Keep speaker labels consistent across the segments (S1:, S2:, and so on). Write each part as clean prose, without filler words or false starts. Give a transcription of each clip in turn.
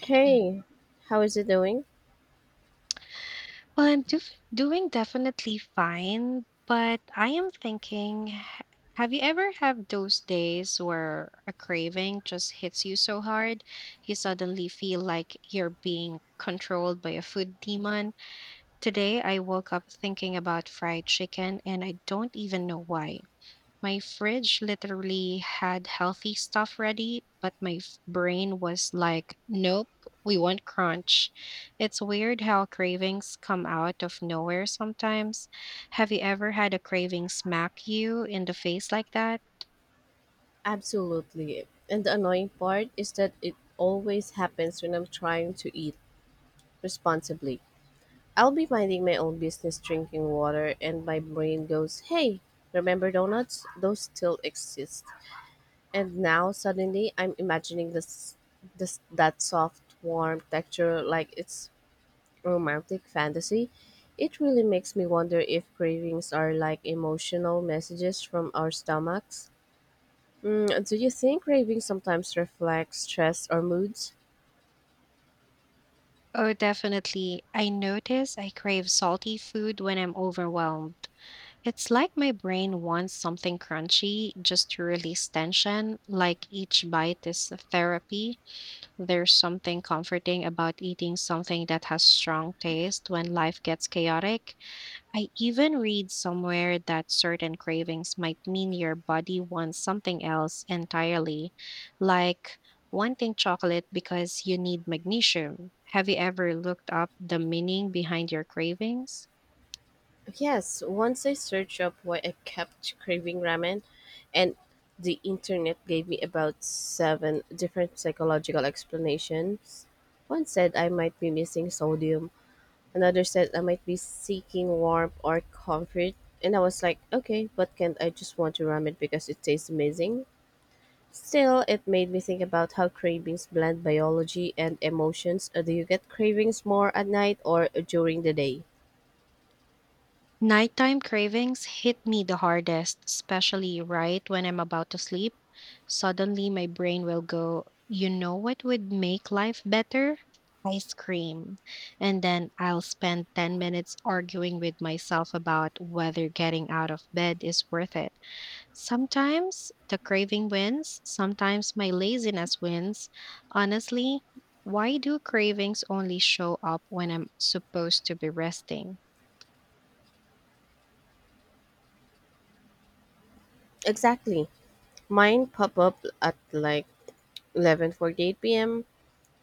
S1: Hey, how is it doing?
S2: Well, doing definitely fine, but I am thinking have you ever have those days where a craving just hits you so hard you suddenly feel like you're being controlled by a food demon? Today I woke up thinking about fried chicken and I don't even know why. My fridge literally had healthy stuff ready, but my brain was like, nope, we want crunch. It's weird how cravings come out of nowhere sometimes. Have you ever had a craving smack you in the face like that?
S1: Absolutely. And the annoying part is that it always happens when I'm trying to eat responsibly. I'll be minding my own business drinking water, and my brain goes, Hey, remember donuts? Those still exist. And now suddenly I'm imagining this, this that soft, warm texture like it's romantic fantasy. It really makes me wonder if cravings are like emotional messages from our stomachs. Do you think craving sometimes reflects stress or moods?
S2: Oh, definitely. I notice I crave salty food when I'm overwhelmed. It's like my brain wants something crunchy just to release tension, like each bite is a therapy. There's something comforting about eating something that has strong taste when life gets chaotic. I even read somewhere that certain cravings might mean your body wants something else entirely, like wanting chocolate because you need magnesium. Have you ever looked up the meaning behind your cravings?
S1: Yes, once I searched up why I kept craving ramen, and the internet gave me about seven different psychological explanations. One said I might be missing sodium, another said I might be seeking warmth or comfort, and I was like, okay, but can't I just want to ramen because it tastes amazing? Still, it made me think about how cravings blend biology and emotions. Do you get cravings more at night or during the day?
S2: Nighttime cravings hit me the hardest, especially right when I'm about to sleep. Suddenly, my brain will go, you know what would make life better? Ice cream. And then I'll spend 10 minutes arguing with myself about whether getting out of bed is worth it. Sometimes the craving wins, sometimes my laziness wins. Honestly, why do cravings only show up when I'm supposed to be resting?
S1: Exactly. Mine pop up at like 11:48 p.m.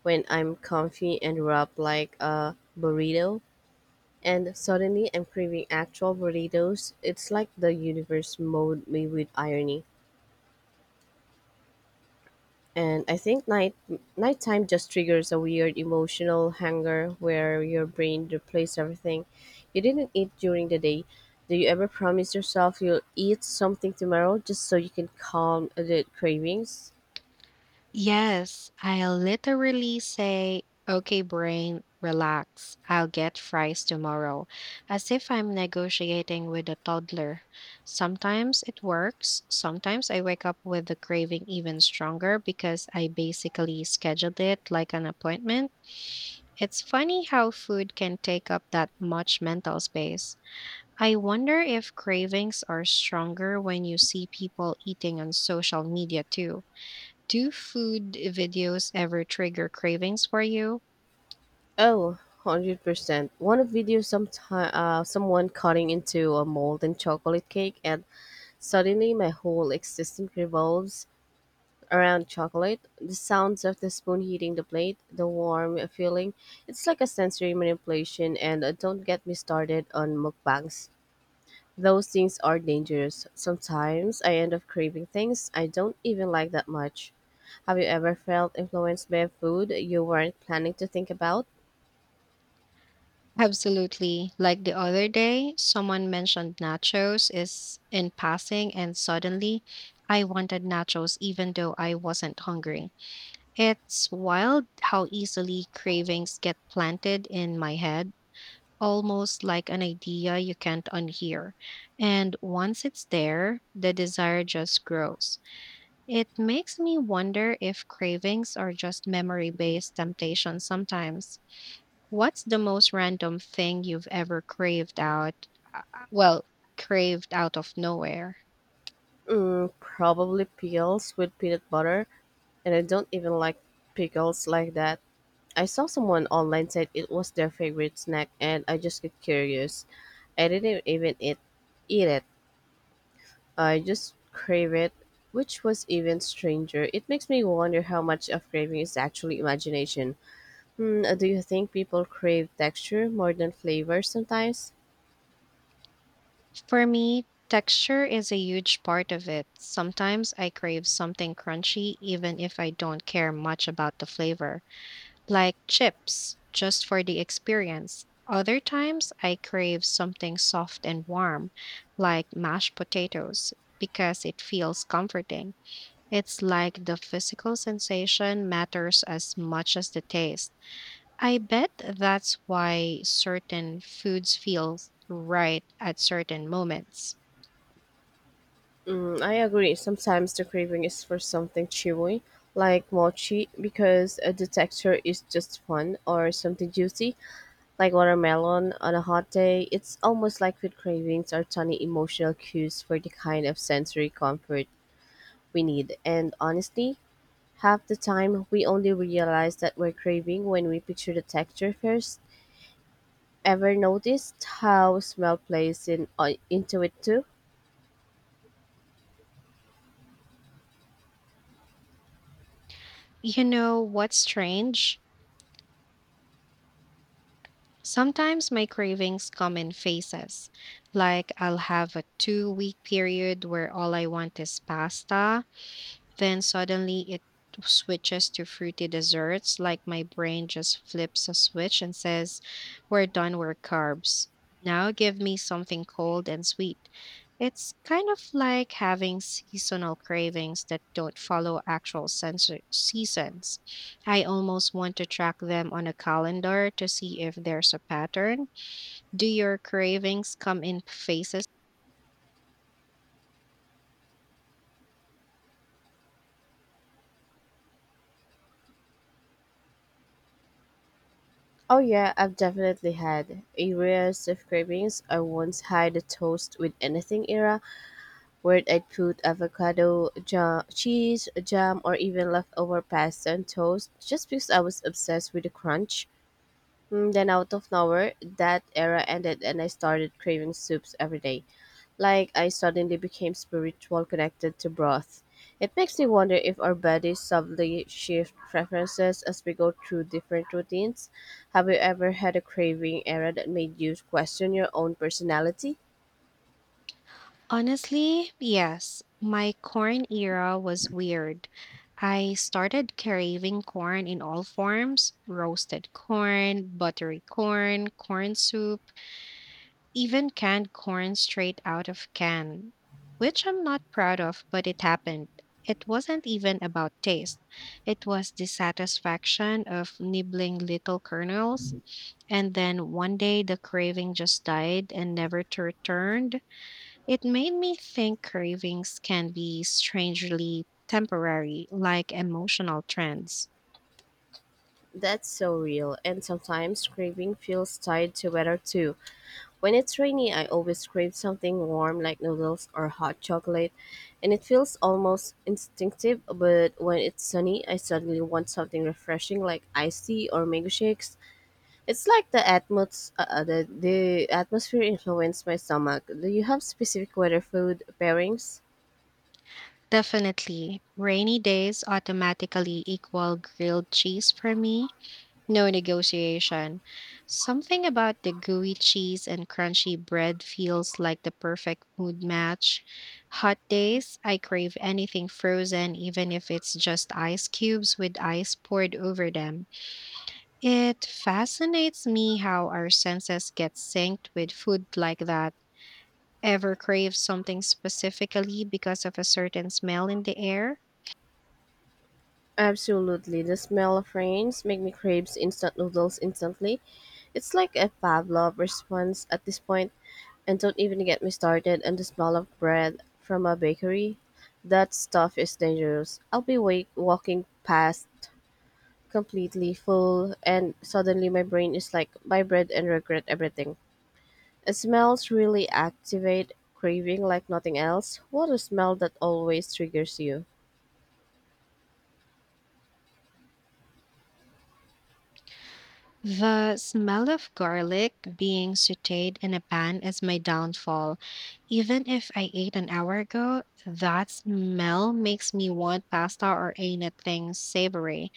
S1: when I'm comfy and wrapped like a burrito and suddenly I'm craving actual burritos. It's like the universe mowed me with irony. And I think nighttime just triggers a weird emotional hunger where your brain replaces everything you didn't eat during the day. Do you ever promise yourself you'll eat something tomorrow just so you can calm the cravings?
S2: Yes, I literally say, okay, brain, relax. I'll get fries tomorrow, as if I'm negotiating with a toddler. Sometimes it works. Sometimes I wake up with the craving even stronger because I basically scheduled it like an appointment. It's funny how food can take up that much mental space. I wonder if cravings are stronger when you see people eating on social media too. Do food videos ever trigger cravings for you?
S1: Oh, 100%. One video sometime, someone cutting into a molten chocolate cake and suddenly my whole existence revolves around chocolate, the sounds of the spoon hitting the plate, the warm feeling, it's like a sensory manipulation. And don't get me started on mukbangs. Those things are dangerous. Sometimes I end up craving things I don't even like that much. Have you ever felt influenced by a food you weren't planning to think about?
S2: Absolutely. Like the other day, someone mentioned nachos is in passing and suddenly I wanted nachos even though I wasn't hungry. It's wild how easily cravings get planted in my head, almost like an idea you can't unhear. And once it's there, the desire just grows. It makes me wonder if cravings are just memory based temptations sometimes. What's the most random thing you've ever craved out? Well, craved out of nowhere.
S1: Mm, probably pickles with peanut butter, and I don't even like pickles like that. I saw someone online said it was their favorite snack and I just get curious. I didn't eat it. I just crave it, which was even stranger. It makes me wonder how much of craving is actually imagination. Hmm, do you think people crave texture more than flavor sometimes?
S2: For me, texture is a huge part of it. Sometimes I crave something crunchy even if I don't care much about the flavor. Like chips, just for the experience. Other times, I crave something soft and warm, like mashed potatoes, because it feels comforting. It's like the physical sensation matters as much as the taste. I bet that's why certain foods feel right at certain moments.
S1: Mm, I agree. Sometimes the craving is for something chewy, like mochi, because the texture is just fun, or something juicy, like watermelon on a hot day. It's almost like food cravings are tiny emotional cues for the kind of sensory comfort we need. And honestly, half the time we only realize that we're craving when we picture the texture first. Ever noticed how smell plays in into it too?
S2: You know what's strange? Sometimes my cravings come in phases. Like I'll have a 2 week period where all I want is pasta, then suddenly it switches to fruity desserts, like my brain just flips a switch and says, we're done with carbs. Now give me something cold and sweet. It's kind of like having seasonal cravings that don't follow actual seasons. I almost want to track them on a calendar to see if there's a pattern. Do your cravings come in phases?
S1: Oh yeah, I've definitely had areas of cravings. I once had a toast with anything era where I'd put avocado, cheese, jam, or even leftover pasta and toast just because I was obsessed with the crunch. Mm, then, out of nowhere, that era ended and I started craving soups every day. Like I suddenly became spiritual connected to broth. It makes me wonder if our bodies subtly shift preferences as we go through different routines. Have you ever had a craving era that made you question your own personality?
S2: Honestly, yes. My corn era was weird. I started craving corn in all forms roasted corn, buttery corn, corn soup, even canned corn straight out of can, which I'm not proud of, but it happened. It wasn't even about taste, it was the satisfaction of nibbling little kernels. And then one day the craving just died and never to returned it made me think cravings can be strangely temporary, like emotional trends.
S1: That's so real. And sometimes craving feels tied to weather too. When it's rainy, I always crave something warm like noodles or hot chocolate, and it feels almost instinctive. But when it's sunny, I suddenly want something refreshing like iced tea or mango shakes. It's like the the atmosphere influenced my stomach. Do you have specific weather food pairings?
S2: Definitely, rainy days automatically equal grilled cheese for me. No negotiation. Something about the gooey cheese and crunchy bread feels like the perfect mood match. Hot days, I crave anything frozen, even if it's just ice cubes with ice poured over them. It fascinates me how our senses get synced with food like that. Ever crave something specifically because of a certain smell in the air?
S1: Absolutely. The smell of rains make me crave instant noodles instantly. It's like a Pavlov response at this point, and don't even get me started on the smell of bread from a bakery. That stuff is dangerous. I'll be walking past completely full, and suddenly my brain is like, buy bread and regret everything. Smells really activate craving like nothing else. What a smell that always triggers you.
S2: The smell of garlic being sauteed in a pan is my downfall. Even if I ate an hour ago, that smell makes me want pasta or anything savory.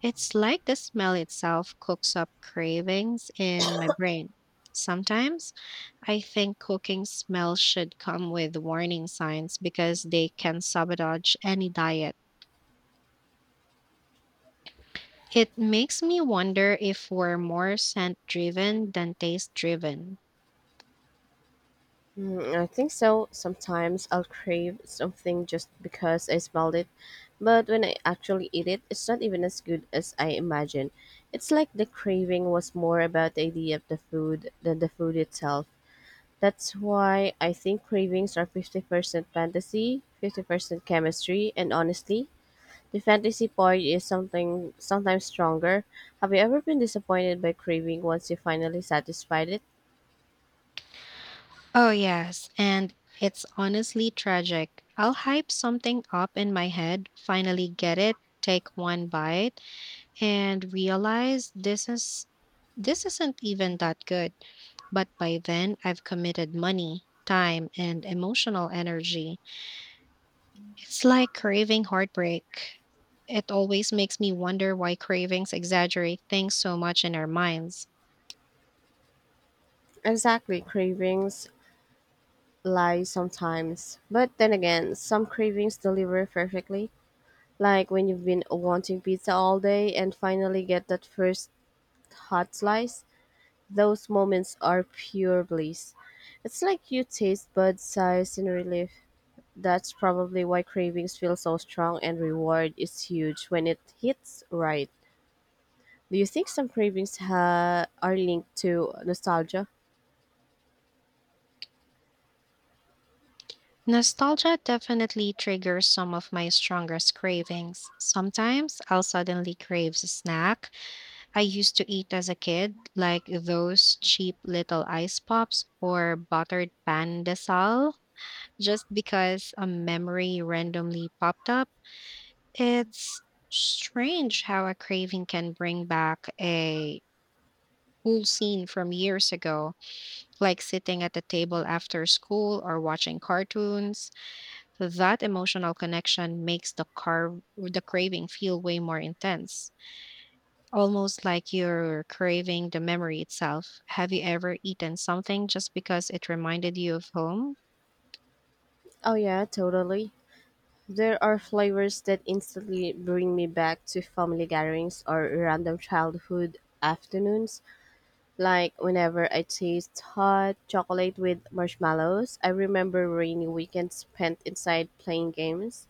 S2: It's like the smell itself cooks up cravings in my brain. Sometimes I think cooking smells should come with warning signs because they can sabotage any diet. It makes me wonder if we're more scent driven than taste driven.
S1: Mm, I think so. Sometimes I'll crave something just because I smelled it, but when I actually eat it, it's not even as good as I imagined. It's like the craving was more about the idea of the food than the food itself. That's why I think cravings are 50% fantasy, 50% chemistry, and honestly, the fantasy part is something sometimes stronger. Have you ever been disappointed by craving once you finally satisfied it?
S2: Oh, yes, and it's honestly tragic. I'll hype something up in my head, finally get it, take one bite, and realize this isn't even that good. But by then I've committed money, time, and emotional energy. It's like craving heartbreak. It always makes me wonder why cravings exaggerate things so much in our minds.
S1: Exactly, cravings lie sometimes. But then again, some cravings deliver perfectly. Like when you've been wanting pizza all day and finally get that first hot slice, those moments are pure bliss. It's like you taste bud size in relief. That's probably why cravings feel so strong and reward is huge when it hits right. Do you think some are linked to nostalgia?
S2: Nostalgia definitely triggers some of my strongest cravings. Sometimes I'll suddenly crave a snack I used to eat as a kid, like those cheap little ice pops or buttered pan de sal, just because a memory randomly popped up. It's strange how a craving can bring back a cool scene from years ago, like sitting at the table after school or watching cartoons. That emotional connection makes the craving feel way more intense. Almost like you're craving the memory itself. Have you ever eaten something just because it reminded you of home?
S1: Oh, yeah, totally. There are flavors that instantly bring me back to family gatherings or random childhood afternoons. Like whenever I taste hot chocolate with marshmallows, I remember rainy weekends spent inside playing games.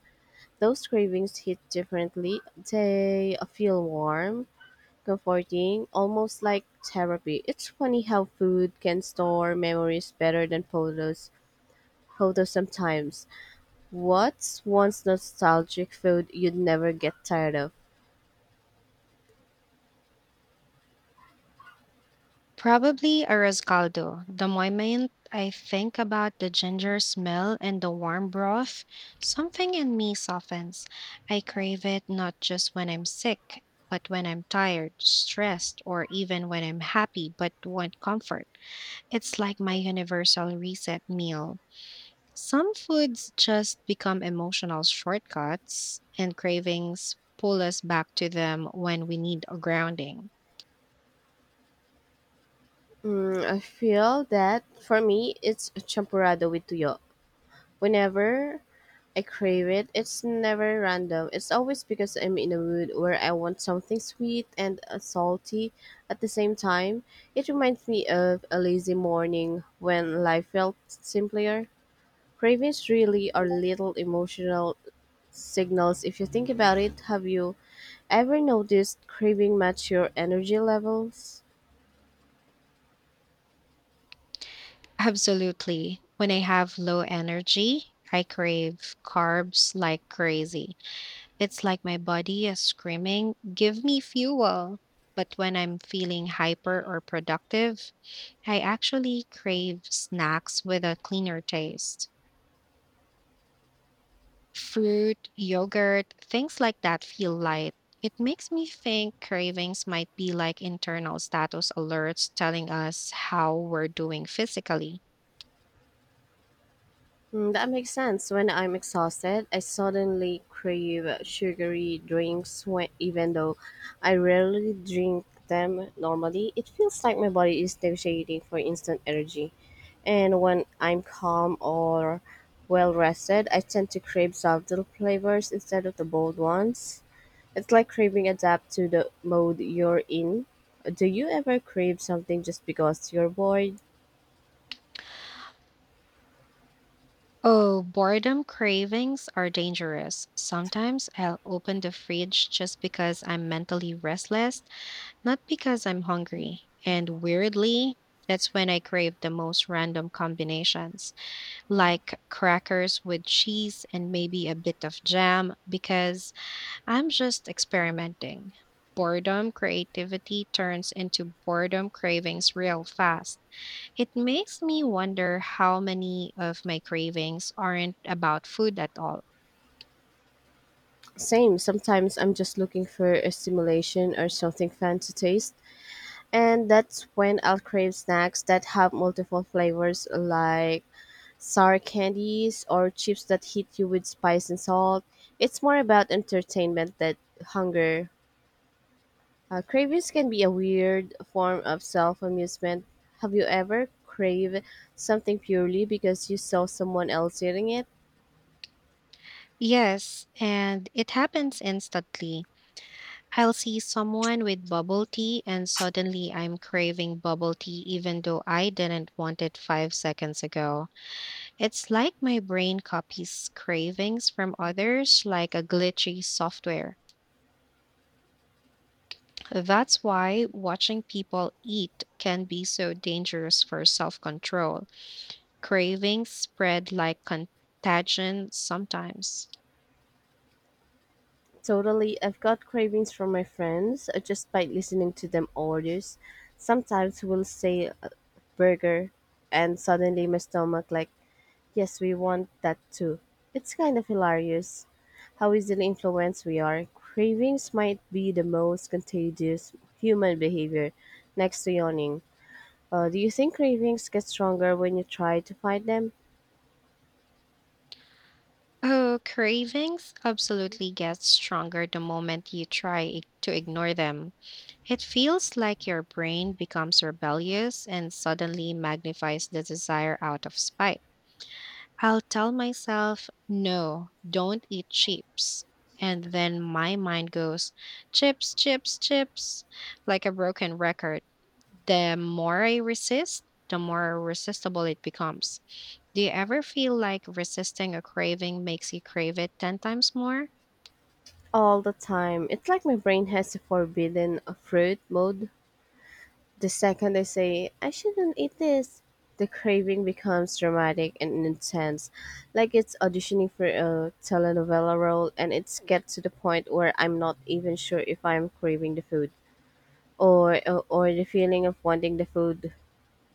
S1: Those cravings hit differently. They feel warm, comforting, almost like therapy. It's funny how food can store memories better than photos. Photos sometimes. What's one nostalgic food you'd never get tired of?
S2: Probably a rescaldo. The moment I think about the ginger smell and the warm broth, something in me softens. I crave it not just when I'm sick, but when I'm tired, stressed, or even when I'm happy but want comfort. It's like my universal reset meal. Some foods just become emotional shortcuts, and cravings pull us back to them when we need a grounding.
S1: Mm, I feel that. For me, it's champurrado with tuyo. Whenever I crave it, it's never random. It's always because I'm in a mood where I want something sweet and salty at the same time. It reminds me of a lazy morning when life felt simpler. Cravings really are little emotional signals if you think about it. Have you ever noticed craving match your energy levels?
S2: Absolutely. When I have low energy, I crave carbs like crazy. It's like my body is screaming, give me fuel. But when I'm feeling hyper or productive, I actually crave snacks with a cleaner taste. Fruit, yogurt, things like that feel light. It makes me think cravings might be like internal status alerts telling us how we're doing physically.
S1: Hmm, that makes sense. When I'm exhausted, I suddenly crave sugary drinks, even though I rarely drink them normally. It feels like my body is negotiating for instant energy. And when I'm calm or well rested, I tend to crave subtle flavors instead of the bold ones. It's like craving adapt to the mode you're in. Do you ever crave something just because you're bored?
S2: Oh, boredom cravings are dangerous. Sometimes I'll open the fridge just because I'm mentally restless, not because I'm hungry. And weirdly, that's when I crave the most random combinations, like crackers with cheese and maybe a bit of jam, because I'm just experimenting. Boredom creativity turns into boredom cravings real fast. It makes me wonder how many of my cravings aren't about food at all.
S1: Same, sometimes I'm just looking for a stimulation or something fun to taste. And that's when I'll crave snacks that have multiple flavors, like sour candies or chips that hit you with spice and salt. It's more about entertainment than hunger. Cravings can be a weird form of self amusement. Have you ever craved something purely because you saw someone else eating it?
S2: Yes, and it happens instantly. I'll see someone with bubble tea, and suddenly I'm craving bubble tea even though I didn't want it 5 seconds ago. It's like my brain copies cravings from others like a glitchy software. That's why watching people eat can be so dangerous for self control. Cravings spread like contagion sometimes.
S1: Totally, I've got cravings from my friends just by listening to them orders. Sometimes we'll say burger, and suddenly my stomach like, yes, we want that too. It's kind of hilarious how easily influenced we are. Cravings might be the most contagious human behavior, next to yawning. Do you think cravings get stronger when you try to fight them
S2: Oh, cravings absolutely get stronger the moment you try to ignore them. It feels like your brain becomes rebellious and suddenly magnifies the desire out of spite. I'll tell myself, no, don't eat chips. And then my mind goes, chips, chips, chips, like a broken record. The more I resist, the more resistible it becomes. Do you ever feel like resisting a craving makes you crave it 10 times more?
S1: all the time? It's like my brain has a forbidden fruit mode. The second I say, I shouldn't eat this, the craving becomes dramatic and intense, like it's auditioning for a telenovela role, and it's get to the point where I'm not even sure if I'm craving the food or the feeling of wanting the food.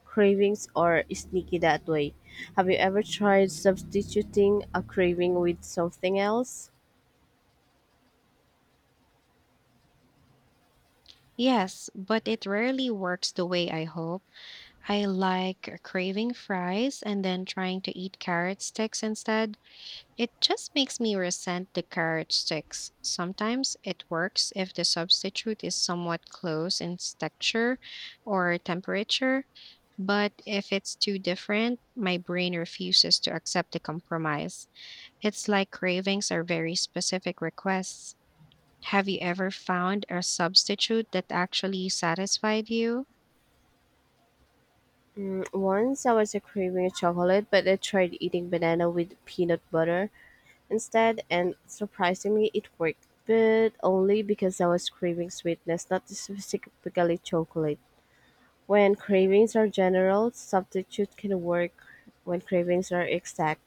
S1: Cravings are sneaky that way. Have you ever tried substituting a craving with something else?
S2: Yes, but it rarely works the way I hope. I like craving fries and then trying to eat carrot sticks instead. It just makes me resent the carrot sticks. Sometimes it works if the substitute is somewhat close in texture or temperature, but if it's too different, my brain refuses to accept the compromise. It's like cravings are very specific requests. Have you ever found a substitute that actually satisfied you?
S1: Mm, once I was a craving chocolate, but I tried eating banana with peanut butter instead, and surprisingly it worked. But only because I was craving sweetness, not specifically chocolate. When cravings are general, substitute can work when cravings are exact.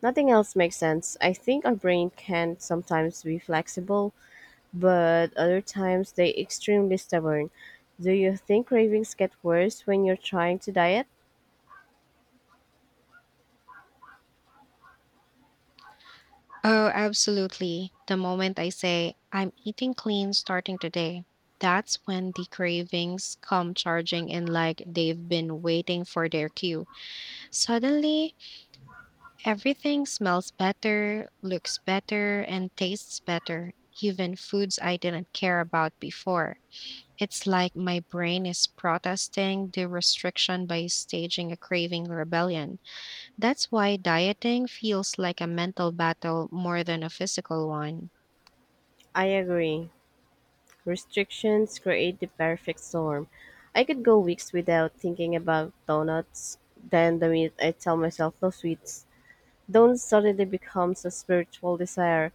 S1: Nothing else makes sense. I think our brain can sometimes be flexible, but other times they extremely stubborn. Do you think cravings get worse when you're trying to diet?
S2: Oh, absolutely. The moment I say, I'm eating clean starting today, that's when the cravings come charging in like they've been waiting for their cue. Suddenly, everything smells better, looks better, and tastes better, even foods I didn't care about before. It's like my brain is protesting the restriction by staging a craving rebellion. That's why dieting feels like a mental battle more than a physical one.
S1: I agree. Restrictions create the perfect storm. I could go weeks without thinking about donuts. Then the minute I tell myself no sweets, donuts suddenly becomes a spiritual desire.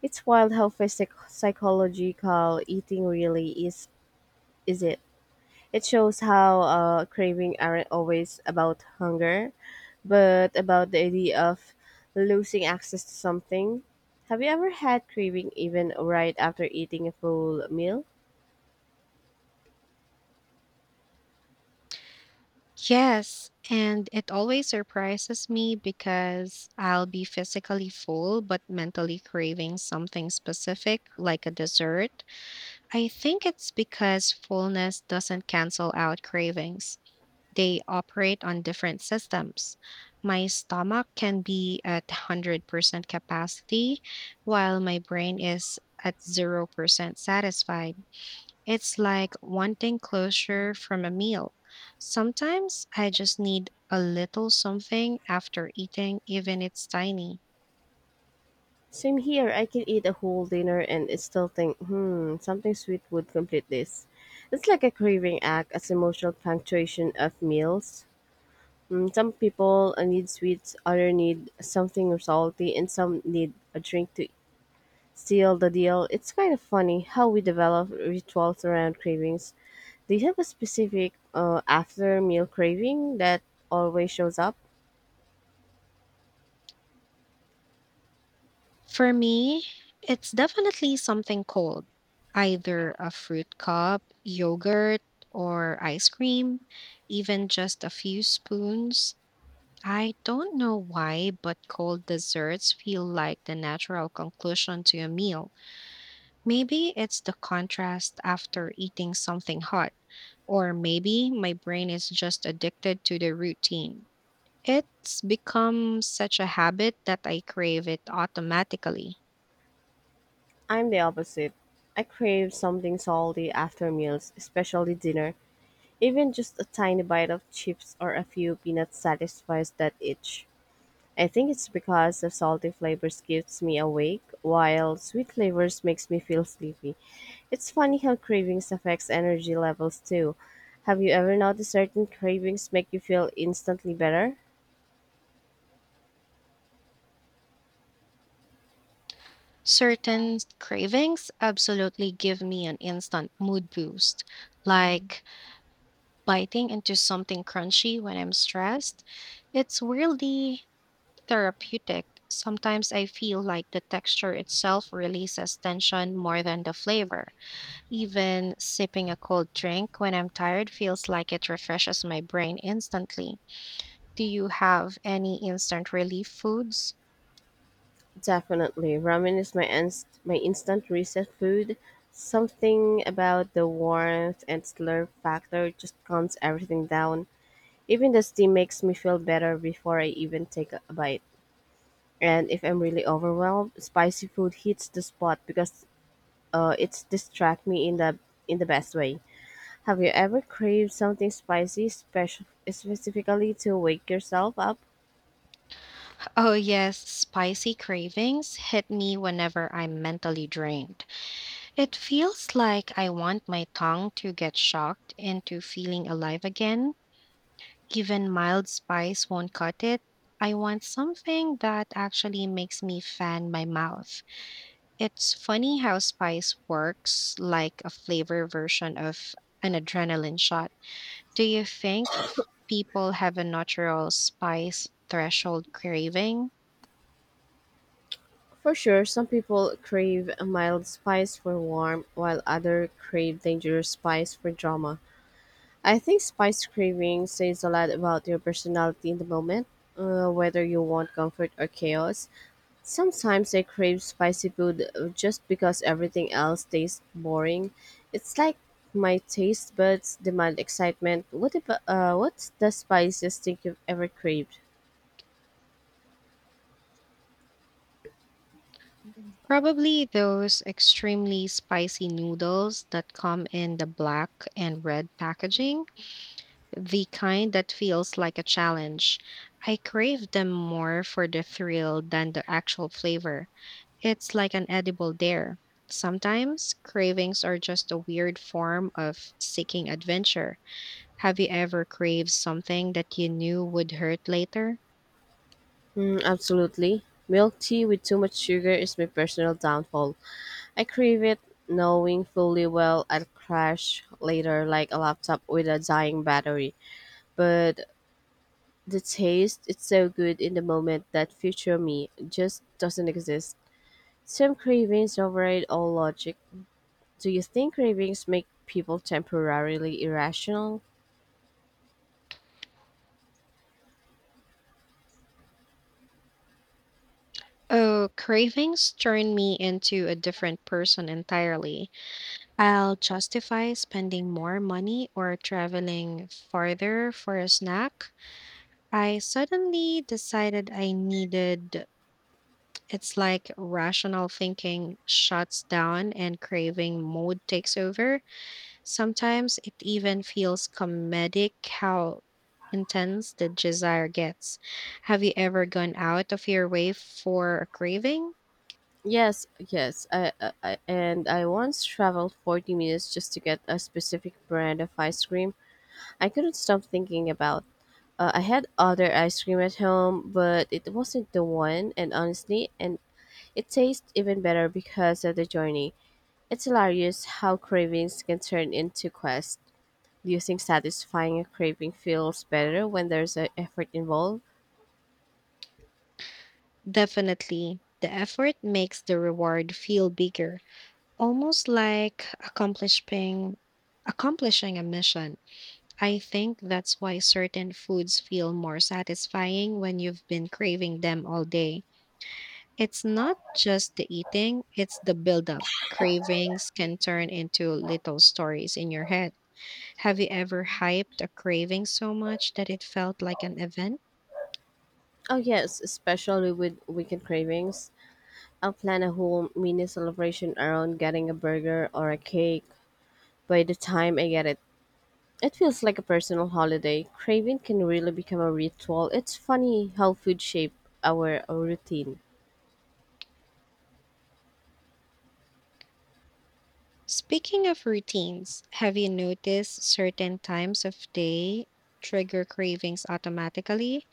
S1: It's wild how psychological eating really is. Is it? It shows how craving aren't always about hunger, but about the idea of losing access to something. Have you ever had craving even right after eating a full meal?
S2: Yes, and it always surprises me because I'll be physically full but mentally craving something specific, like a dessert. I think it's because fullness doesn't cancel out cravings, they operate on different systems. My stomach can be at 100% capacity, while my brain is at 0% satisfied. It's like wanting closure from a meal. Sometimes I just need a little something after eating, even it's tiny.
S1: Same here. I can eat a whole dinner and it still think, hmm, something sweet would complete this. It's like a craving act as emotional punctuation of meals. Mm, some people need sweets, other need something salty, and some need a drink to seal the deal. It's kind of funny how we develop rituals around cravings. Do you have a specific after meal craving that always shows up?
S2: For me, it's definitely something cold, either a fruit cup, yogurt, or ice cream, even just a few spoons. I don't know why, but cold desserts feel like the natural conclusion to a meal. Maybe it's the contrast after eating something hot, or maybe my brain is just addicted to the routine. It's become such a habit that I crave it automatically.
S1: I'm the opposite. I crave something salty after meals, especially dinner. Even just a tiny bite of chips or a few peanuts satisfies that itch. I think it's because the salty flavors keeps me awake, while sweet flavors makes me feel sleepy. It's funny how cravings affects energy levels too. Have you ever noticed certain cravings make you feel instantly better?
S2: Certain cravings absolutely give me an instant mood boost, like biting into something crunchy when I'm stressed. It's weirdly therapeutic. Sometimes I feel like the texture itself releases tension more than the flavor. Even sipping a cold drink when I'm tired feels like it refreshes my brain instantly. Do you have any instant relief foods?
S1: Definitely. Ramen is my instant reset food. Something about the warmth and slurp factor just calms everything down. Even the steam makes me feel better before I even take a bite. And if I'm really overwhelmed, spicy food hits the spot because it's distract me in the best way. Have you ever craved something spicy, special specifically to wake yourself up?
S2: Oh, yes, spicy cravings hit me whenever I'm mentally drained. It feels like I want my tongue to get shocked into feeling alive again. Even mild spice won't cut it. I want something that actually makes me fan my mouth. It's funny how spice works like a flavor version of an adrenaline shot. Do you think people have a natural spice threshold craving?
S1: For sure, some people crave a mild spice for warmth, while others crave dangerous spice for drama. I think spice craving says a lot about your personality in the moment, whether you want comfort or chaos. Sometimes I crave spicy food just because everything else tastes boring. It's like my taste buds demand excitement. What about what's the spiciest thing you've ever craved?
S2: Probably those extremely spicy noodles that come in the black and red packaging, the kind that feels like a challenge. I crave them more for the thrill than the actual flavor. It's like an edible dare. Sometimes cravings are just a weird form of seeking adventure. Have you ever craved something that you knew would hurt later?
S1: Mm, absolutely. Milk tea with too much sugar is my personal downfall. I crave it knowing fully well I'll crash later like a laptop with a dying battery. But the taste, it's so good in the moment that future me just doesn't exist. Some cravings override all logic. Do you think cravings make people temporarily irrational?
S2: Oh, cravings turn me into a different person entirely. I'll justify spending more money or traveling farther for a snack I suddenly decided I needed. It's like rational thinking shuts down and craving mode takes over. Sometimes it even feels comedic how intense the desire gets. Have you ever gone out of your way for a craving?
S1: Yes, yes. And I once traveled 40 minutes just to get a specific brand of ice cream. I couldn't stop thinking about. I had other ice cream at home, but it wasn't the one. And honestly, and it tastes even better because of the journey. It's hilarious how cravings can turn into quests. Do you think satisfying a craving feels better when there's a effort involved?
S2: Definitely. The effort makes the reward feel bigger, almost like accomplishing a mission. I think that's why certain foods feel more satisfying when you've been craving them all day. It's not just the eating, it's the buildup. Cravings can turn into little stories in your head. Have you ever hyped a craving so much that it felt like an event?
S1: Oh yes, especially with weekend cravings. I'll plan a whole mini celebration around getting a burger or a cake. By the time I get it, it feels like a personal holiday. Craving can really become a ritual. It's funny how food shape our routine.
S2: Speaking of routines, have you noticed certain times of day trigger cravings automatically?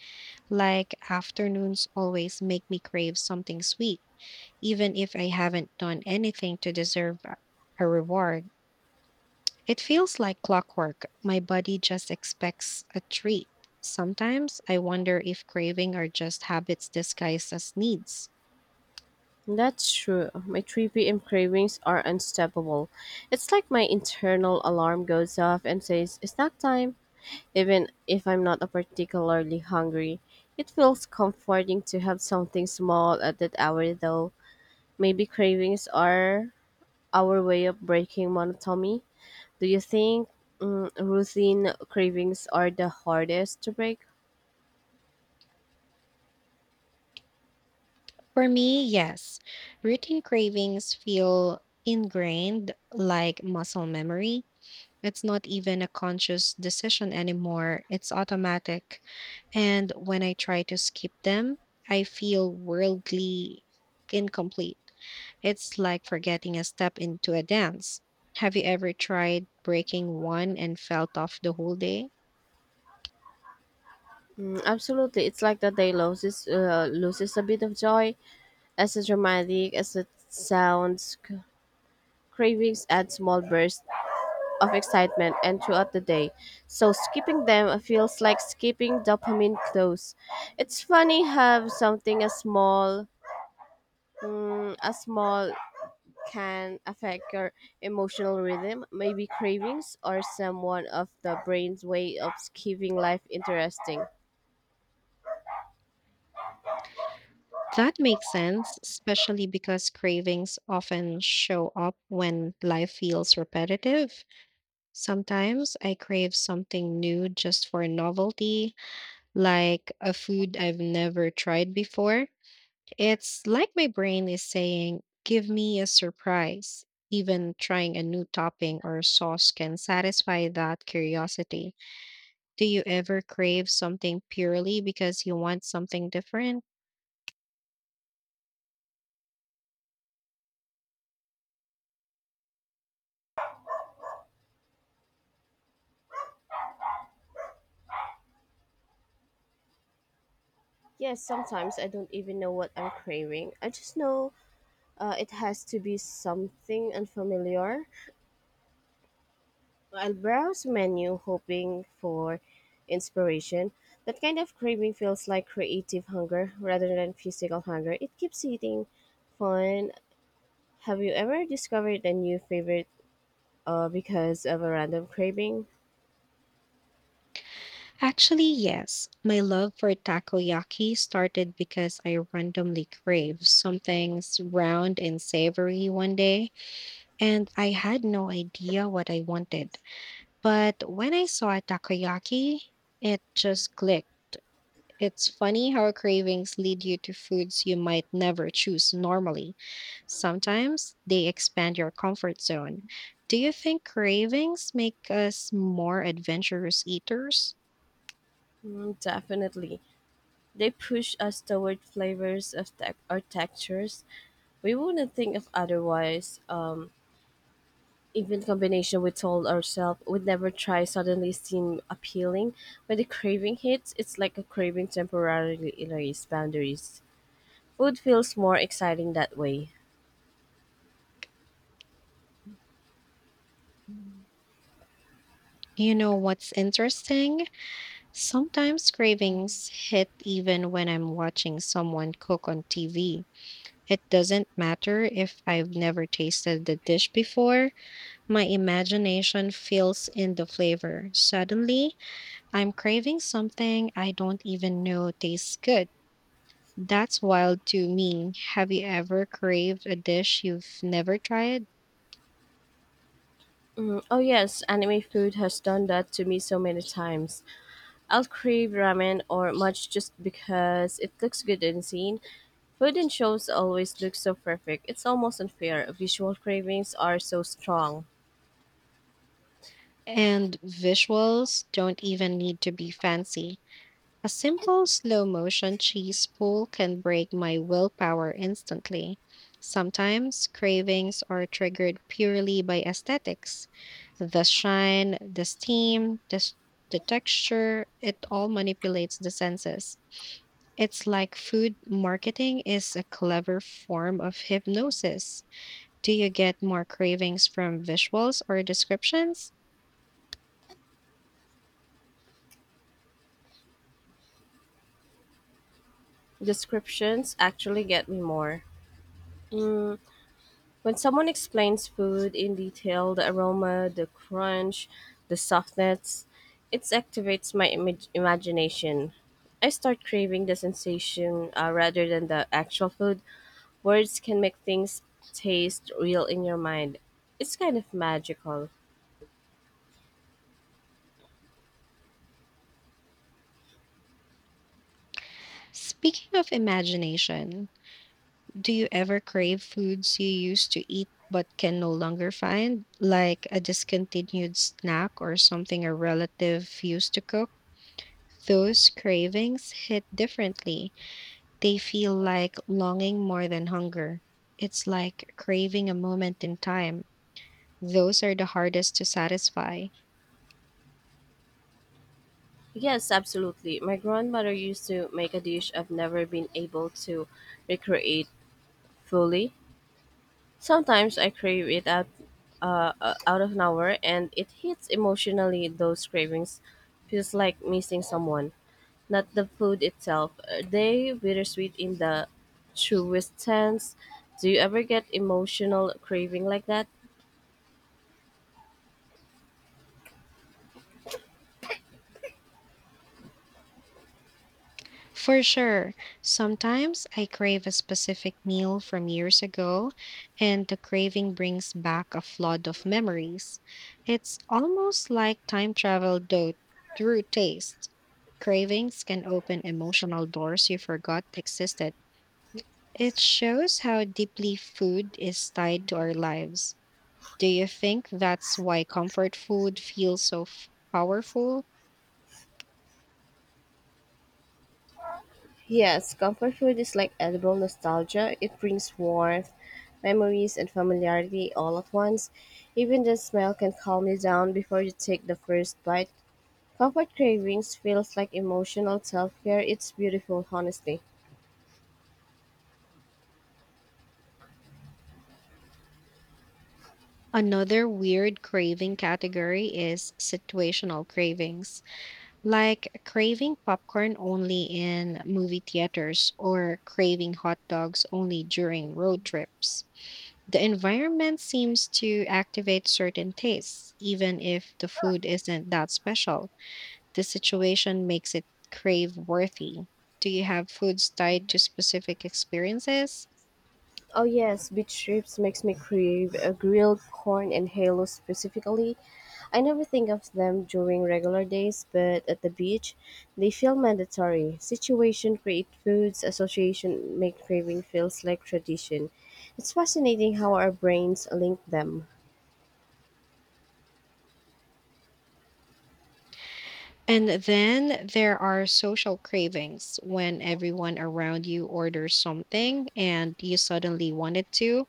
S2: Like afternoons always make me crave something sweet even if I haven't done anything to deserve a reward. It feels like clockwork. My body just expects a treat. Sometimes I wonder if craving are just habits disguised as needs.
S1: That's true. My 3 p.m. cravings are unstoppable. It's like my internal alarm goes off and says, "It's snack time." Even if I'm not a particularly hungry, it feels comforting to have something small at that hour though. Maybe cravings are our way of breaking monotony. Do you think routine cravings are the hardest to break?
S2: For me, yes. Routine cravings feel ingrained like muscle memory. It's not even a conscious decision anymore, it's automatic. And when I try to skip them, I feel worldly incomplete. It's like forgetting a step into a dance. Have you ever tried breaking one and felt off the whole day?
S1: Mm, absolutely. It's like the day loses loses a bit of joy. As dramatic as it sounds, cravings add small bursts of excitement and throughout the day. So skipping them feels like skipping dopamine clues. It's funny how something as small mm, as small can affect your emotional rhythm, maybe cravings or someone of the brain's way of keeping life interesting.
S2: That makes sense, especially because cravings often show up when life feels repetitive. Sometimes I crave something new just for novelty, like a food I've never tried before. It's like my brain is saying, give me a surprise. Even trying a new topping or sauce can satisfy that curiosity. Do you ever crave something purely because you want something different?
S1: Yes, sometimes I don't even know what I'm craving. I just know it has to be something unfamiliar. I'll browse menu hoping for inspiration. That kind of craving feels like creative hunger rather than physical hunger. It keeps eating fun. Have you ever discovered a new favorite because of a random craving?
S2: Actually, yes. My love for takoyaki started because I randomly craved something round and savory one day, and I had no idea what I wanted. But when I saw takoyaki, it just clicked. It's funny how cravings lead you to foods you might never choose normally. Sometimes they expand your comfort zone. Do you think cravings make us more adventurous eaters?
S1: Mm, definitely. They push us toward flavors of tech or textures we wouldn't think of otherwise. Even combination we told ourselves we'd never try suddenly seem appealing. When the craving hits, it's like a craving temporarily erased boundaries. Food feels more exciting that way.
S2: You know what's interesting? Sometimes cravings hit even when I'm watching someone cook on TV. It doesn't matter if I've never tasted the dish before. My imagination fills in the flavor. Suddenly, I'm craving something I don't even know tastes good. That's wild to me. Have you ever craved a dish you've never tried?
S1: Mm, oh yes, anime food has done that to me so many times. I'll crave ramen or much just because it looks good in scene. Food in shows always looks so perfect. It's almost unfair. Visual cravings are so strong.
S2: And visuals don't even need to be fancy. A simple slow motion cheese pull can break my willpower instantly. Sometimes cravings are triggered purely by aesthetics. The shine, the steam, the the texture, it all manipulates the senses. It's like food marketing is a clever form of hypnosis. Do you get more cravings from visuals or descriptions?
S1: Descriptions actually get me more. When someone explains food in detail, the aroma, the crunch, the softness, it activates my imagination. I start craving the sensation rather than the actual food. Words can make things taste real in your mind. It's kind of magical.
S2: Speaking of imagination, do you ever crave foods you used to eat but can no longer find, like a discontinued snack or something a relative used to cook? Those cravings hit differently. They feel like longing more than hunger. It's like craving a moment in time. Those are the hardest to satisfy.
S1: Yes, absolutely. My grandmother used to make a dish I've never been able to recreate fully. Sometimes I crave it out, out of nowhere, and it hits emotionally. Those cravings feels like missing someone, not the food itself. Are they bittersweet in the truest sense? Do you ever get emotional craving like that?
S2: For sure. Sometimes I crave a specific meal from years ago, and the craving brings back a flood of memories. It's almost like time travel though through taste. Cravings can open emotional doors you forgot existed. It shows how deeply food is tied to our lives. Do you think that's why comfort food feels so powerful?
S1: Yes, comfort food is like edible nostalgia. It brings warmth, memories, and familiarity all at once. Even the smell can calm you down before you take the first bite. Comfort cravings feels like emotional self-care. It's beautiful, honestly.
S2: Another weird craving category is situational cravings, like craving popcorn only in movie theaters or craving hot dogs only during road trips. The environment seems to activate certain tastes, even if the food isn't that special. The situation makes it crave worthy. Do you have foods tied to specific experiences?
S1: Oh yes, beach trips makes me crave a grilled corn and halo specifically. I never think of them during regular days, but at the beach, they feel mandatory. Situation create foods association make craving feels like tradition. It's fascinating how our brains link them.
S2: And then there are social cravings when everyone around you orders something and you suddenly wanted to.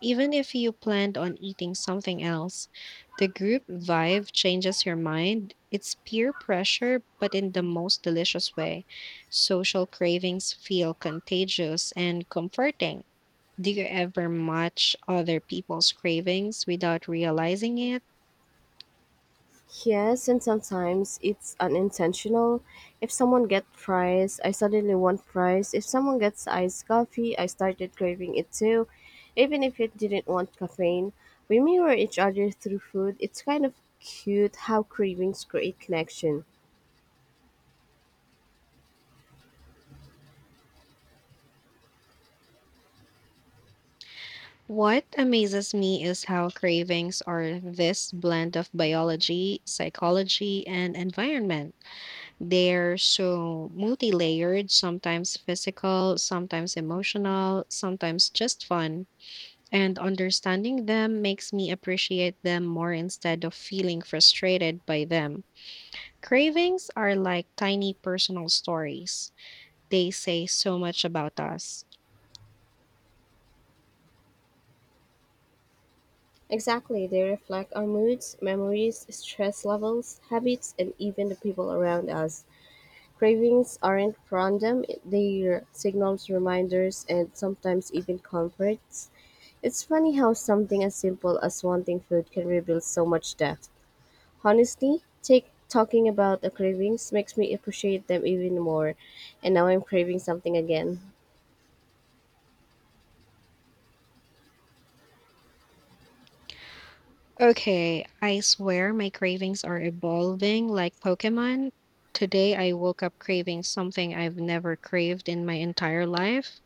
S2: Even if you planned on eating something else, the group vibe changes your mind. It's peer pressure, but in the most delicious way. Social cravings feel contagious and comforting. Do you ever match other people's cravings without realizing it?
S1: Yes, and sometimes it's unintentional. If someone gets fries, I suddenly want fries. If someone gets iced coffee, I started craving it too, even if it didn't want caffeine. We mirror each other through food. It's kind of cute how cravings create connection.
S2: What amazes me is how cravings are this blend of biology, psychology, and environment. They're so multi layered, sometimes physical, sometimes emotional, sometimes just fun. And understanding them makes me appreciate them more instead of feeling frustrated by them. Cravings are like tiny personal stories, they say so much about us.
S1: Exactly, they reflect our moods, memories, stress levels, habits, and even the people around us. Cravings aren't random, they're signals, reminders, and sometimes even comforts. It's funny how something as simple as wanting food can reveal so much depth. Honestly, take talking about the cravings makes me appreciate them even more. And now I'm craving something again.
S2: Okay, I swear my cravings are evolving like Pokemon. Today I woke up craving something I've never craved in my entire life: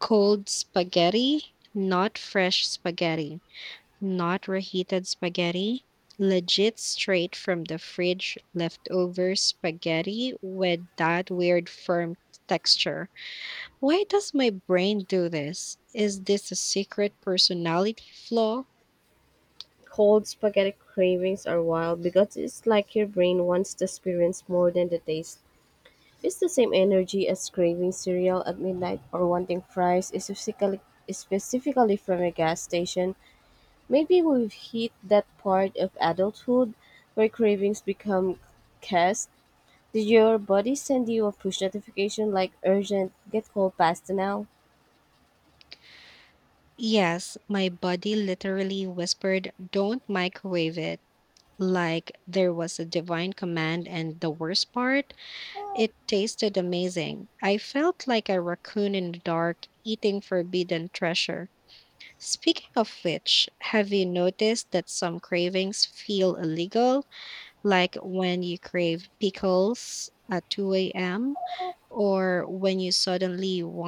S2: cold spaghetti. Not fresh spaghetti, not reheated spaghetti, legit straight from the fridge leftover spaghetti with that weird firm texture. Why does my brain do this? Is this a secret personality flaw?
S1: Cold spaghetti cravings are wild because it's like your brain wants to experience more than the taste. It's the same energy as craving cereal at midnight or wanting fries specifically from a gas station. Maybe we've hit that part of adulthood where cravings become cast. Did your body send you a push notification like urgent, get cold pasta now?
S2: Yes, my body literally whispered, "Don't microwave it." Like there was a divine command, and the worst part, it tasted amazing. I felt like a raccoon in the dark eating forbidden treasure. Speaking of which, have you noticed that some cravings feel illegal? Like when you crave pickles at 2 a.m., or when you suddenly